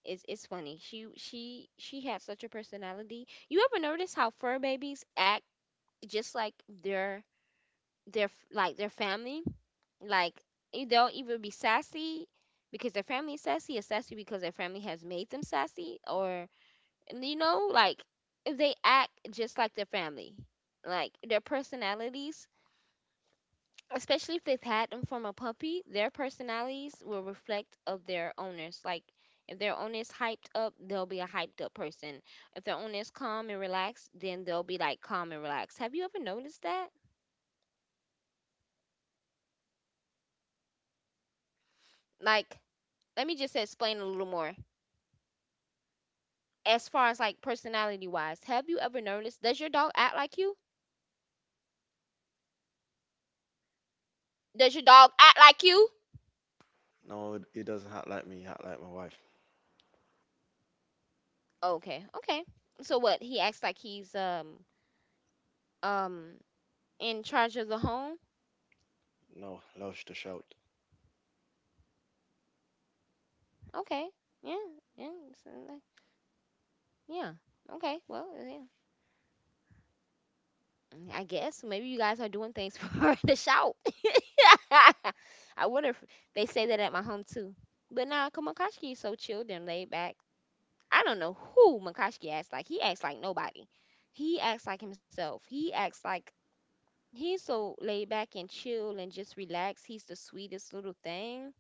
A: It's funny. She had such a personality. You ever notice how fur babies act just like their their like their family? Like, eh, they'll either be sassy because their family is sassy, or sassy because their family has made them sassy, or, and you know like if they act just like their family, like their personalities, especially if they've had them from a puppy, their personalities will reflect of their owners. Like if their owner is hyped up, they'll be a hyped up person. If their owner is calm and relaxed, then they'll be like calm and relaxed. Have you ever noticed that? Like, let me just explain a little more. As far as like personality wise, have you ever noticed, does your dog act like you? Does your dog act like you?
B: No, he doesn't act like me. He act like my wife.
A: Okay, okay. So what? He acts like he's um in charge of the home?
B: No, Lush to shout.
A: Okay. Yeah, yeah. So, like, yeah. Okay. Well, yeah. Mm, I guess maybe you guys are doing things [laughs] for her to shout. [laughs] I wonder if they say that at my home too. But nah, cause Makashki is so chilled and laid back. I don't know who Makashki acts like. He acts like nobody. He acts like himself. He acts like he's so laid back and chill and just relaxed. He's the sweetest little thing.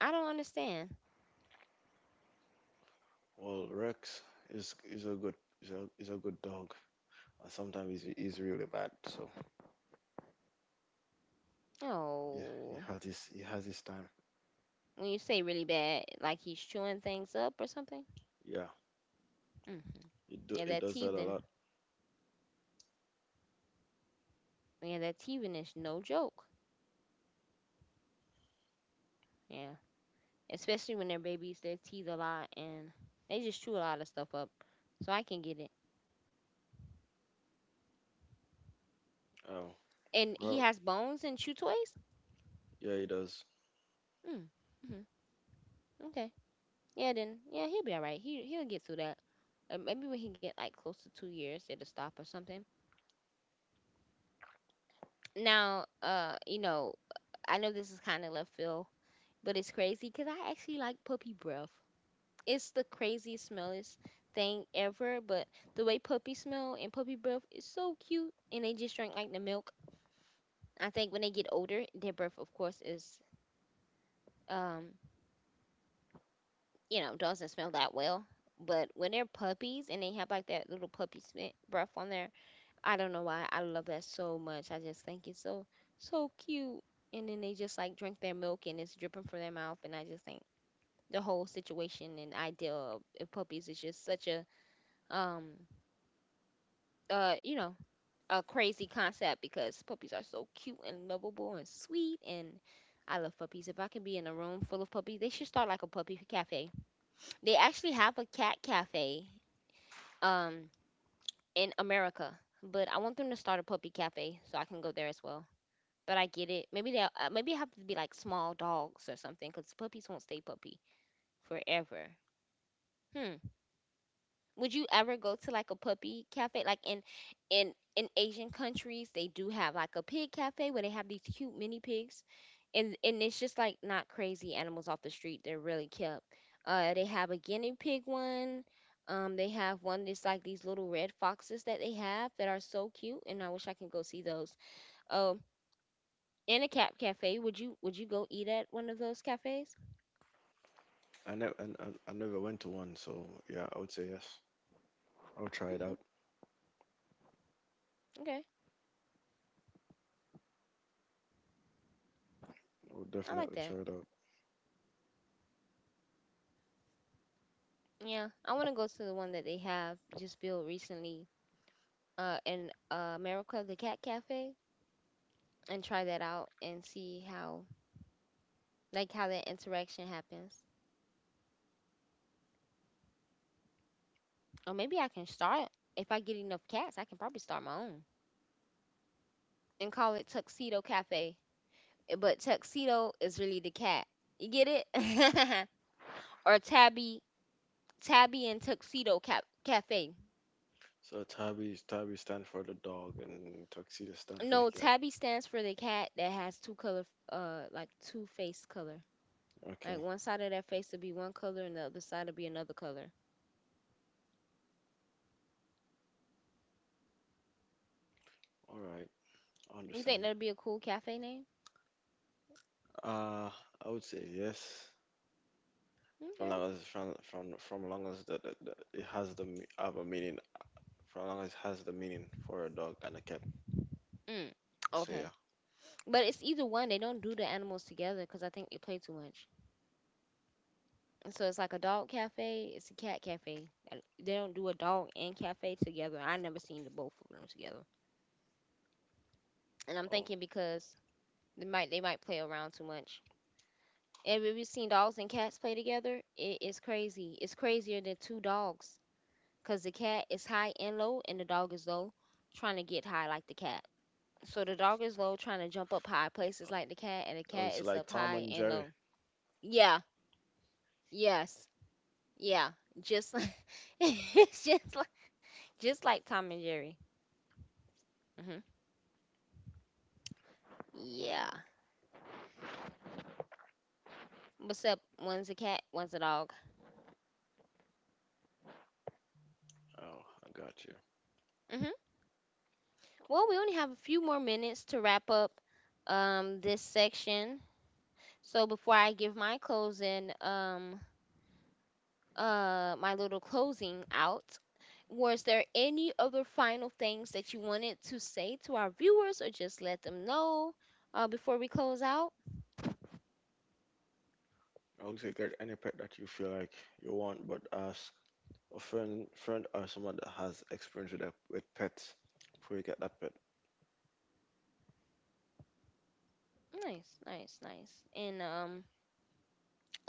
A: I don't understand.
B: Well, Rex is is a good is a good dog. And sometimes he's really bad. So yeah,
A: Oh,
B: he has his time.
A: when you say really bad, like he's chewing things up or something.
B: Yeah,
A: Hmm. Yeah,
B: it
A: that
B: does that a
A: teething.
B: lot.
A: Yeah, that teething is no joke. Yeah, especially when they're babies, they teeth a lot and they just chew a lot of stuff up. So I can get it.
B: Oh,
A: And he
B: well,
A: has bones and chew toys.
B: yeah, it does.
A: Mm. Mm-hmm. Okay. Yeah. Then yeah, he'll be all right. He he'll get through that. Maybe when he get like close to 2 years, it'll stop or something. Now, you know, I know this is kind of left field, but it's crazy because I actually like puppy breath. It's the craziest smellest thing ever. But the way puppy smell and puppy breath is so cute, and they just drink like the milk. I think when they get older, their breath, of course, is um, you know, doesn't smell that well. But when they're puppies and they have like that little breath on there, I don't know why I love that so much. I just think it's so so cute. And then they just like drink their milk and it's dripping from their mouth, and I just think the whole situation and idea of puppies is just such a um you know, a crazy concept because puppies are so cute and lovable and sweet and I love puppies. If I can be in a room full of puppies, they should start like a puppy cafe. They actually have a cat cafe um in America, but I want them to start a puppy cafe so I can go there as well. But I get it. Maybe they will, maybe it have to be like small dogs or something cuz puppies won't stay puppy forever. Hmm. Would you ever go to like a puppy cafe? Like in in Asian countries, they do have like a pig cafe where they have these cute mini pigs, and it's just like not crazy animals off the street. They're really cute. They have a guinea pig one. They have one that's like these little red foxes that they have that are so cute, and I wish I can go see those. Um, and a cat cafe. Would you go eat at one of those cafes?
B: I never went to one, so yeah, I would say yes. I'll try it
A: Hmm.
B: out.
A: Okay,
B: I'll
A: I like
B: definitely
A: that.
B: try it out.
A: Yeah, I want to go to the one that they have just built recently in Miracle the Cat Cafe, and try that out and see how like how that interaction happens. Or maybe I can start, if I get enough cats, I can probably start my own and call it Tuxedo Cafe. Eh, but Tuxedo is really the cat. You get it? [laughs] Or Tabby, Tabby and Tuxedo Cap Cafe.
B: So tabby stand for the dog and tuxedo stand for the
A: No,
B: cat.
A: Tabby stands for the cat that has two color, like two face color. Like
B: Okay,
A: one side of their face will be one color and the other side will be another color.
B: all right, I
A: You think
B: understand.
A: that'd be a cool cafe name?
B: Uh, I would say yes. From
A: Okay.
B: long as from from from long as that that it has have a meaning. From long as it has the meaning for a dog and a cat.
A: Mm.
B: So
A: Okay.
B: yeah.
A: But it's either one. They don't do the animals together because I think they play too much. So it's like a dog cafe. It's a cat cafe. And they don't do a dog and cafe together. I never seen the both of them together. And I'm
B: Oh,
A: thinking because they might play around too much. Have you ever seen dogs and cats play together? It is crazy. It's crazier than two dogs because the cat is high and low and the dog is low, trying to get high like the cat. So the dog is low, trying to jump up high places
B: oh,
A: like the cat, and the
B: oh,
A: cat
B: it's
A: is
B: like
A: up
B: Tom
A: high
B: and
A: and
B: Jerry.
A: low. Yeah, yes, yeah, just like [laughs] it's just like Tom and Jerry. Hmm. Yeah. What's up? One's a cat, one's a dog.
B: Oh, I got you.
A: Hmm. Well, we only have a few more minutes to wrap up this section. So before I give my closing my little closing out, was there any other final things that you wanted to say to our viewers or just let them know before we close out?
B: I would Exactly, any pet that you feel like you want, but ask a friend or someone that has experience with, with pets before you get that pet.
A: Nice, nice, nice. And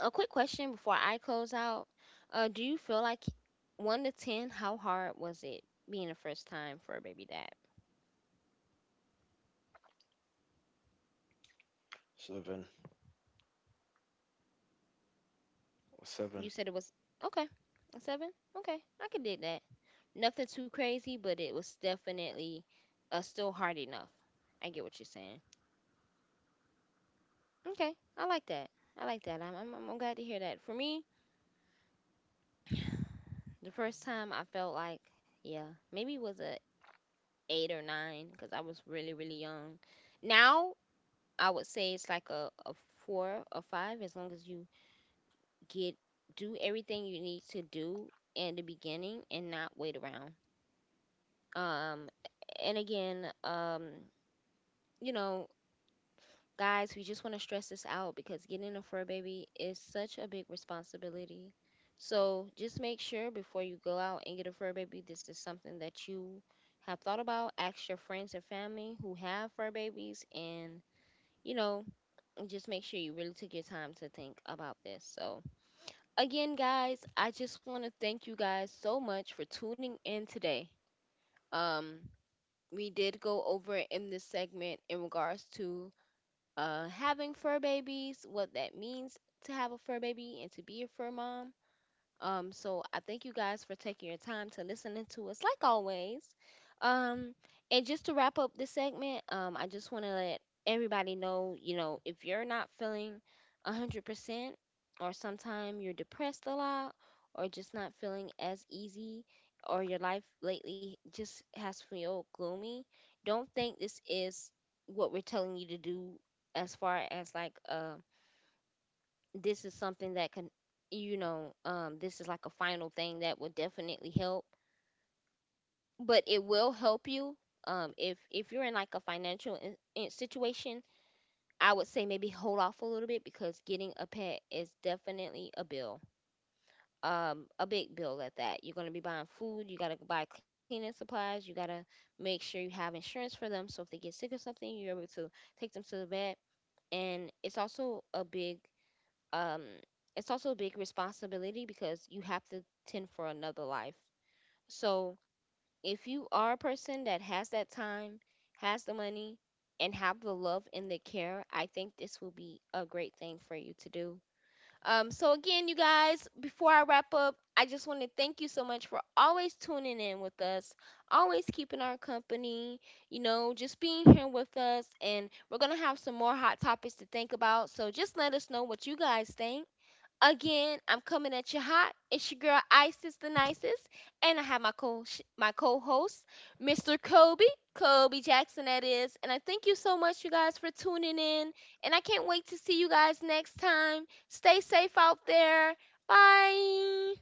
A: a quick question before I close out. Do you feel like, 1 to 10, how hard was it being the first time for a baby dad?
B: 7 or 7.
A: You said it was okay, a 7. Okay, I could dig that. Nothing too crazy, but it was definitely still hard enough. I get what you're saying. Okay, I like that. I like that. I'm glad to hear that. For me, the first time I felt like, yeah, maybe it was a eight or nine because I was really really young. Now I would say it's like a four or five, as long as you get do everything you need to do in the beginning and not wait around. Um, and again, you know, guys, we just want to stress this out because getting a fur baby is such a big responsibility. So just make sure before you go out and get a fur baby, this is something that you have thought about. Ask your friends and family who have fur babies. And you know, just make sure you really took your time to think about this. So, again, guys, I just want to thank you guys so much for tuning in today. Um, we did go over in this segment in regards to having fur babies, what that means to have a fur baby and to be a fur mom. So I thank you guys for taking your time to listening to us, like always. Um, and just to wrap up this segment, I just want to let everybody know, if you're not feeling 100%, or sometime you're depressed a lot, or just not feeling as easy, or your life lately just has feel gloomy, don't think this is what we're telling you to do. As far as like, this is something that can, this is like a final thing that will definitely help, but it will help you. If you're in like a financial, in situation, I would say maybe hold off a little bit, because getting a pet is definitely a bill. A big bill at that. You're going to be buying food, you got to buy cleaning supplies, you got to make sure you have insurance for them, so if they get sick or something you're able to take them to the vet. And it's also a big, um, it's also a big responsibility because you have to tend for another life. So if you are a person that has that time, has the money, and have the love and the care, I think this will be a great thing for you to do. So again, you guys, before I wrap up, I just want to thank you so much for always tuning in with us, always keeping our company, just being here with us. And we're going to have some more hot topics to think about. So just let us know what you guys think. Again, I'm coming at you hot. It's your girl Isis the nicest, and I have my co my co-host, Mr. Kobe, Kobe Jackson that is. And I thank you so much you guys for tuning in, and I can't wait to see you guys next time. Stay safe out there. Bye.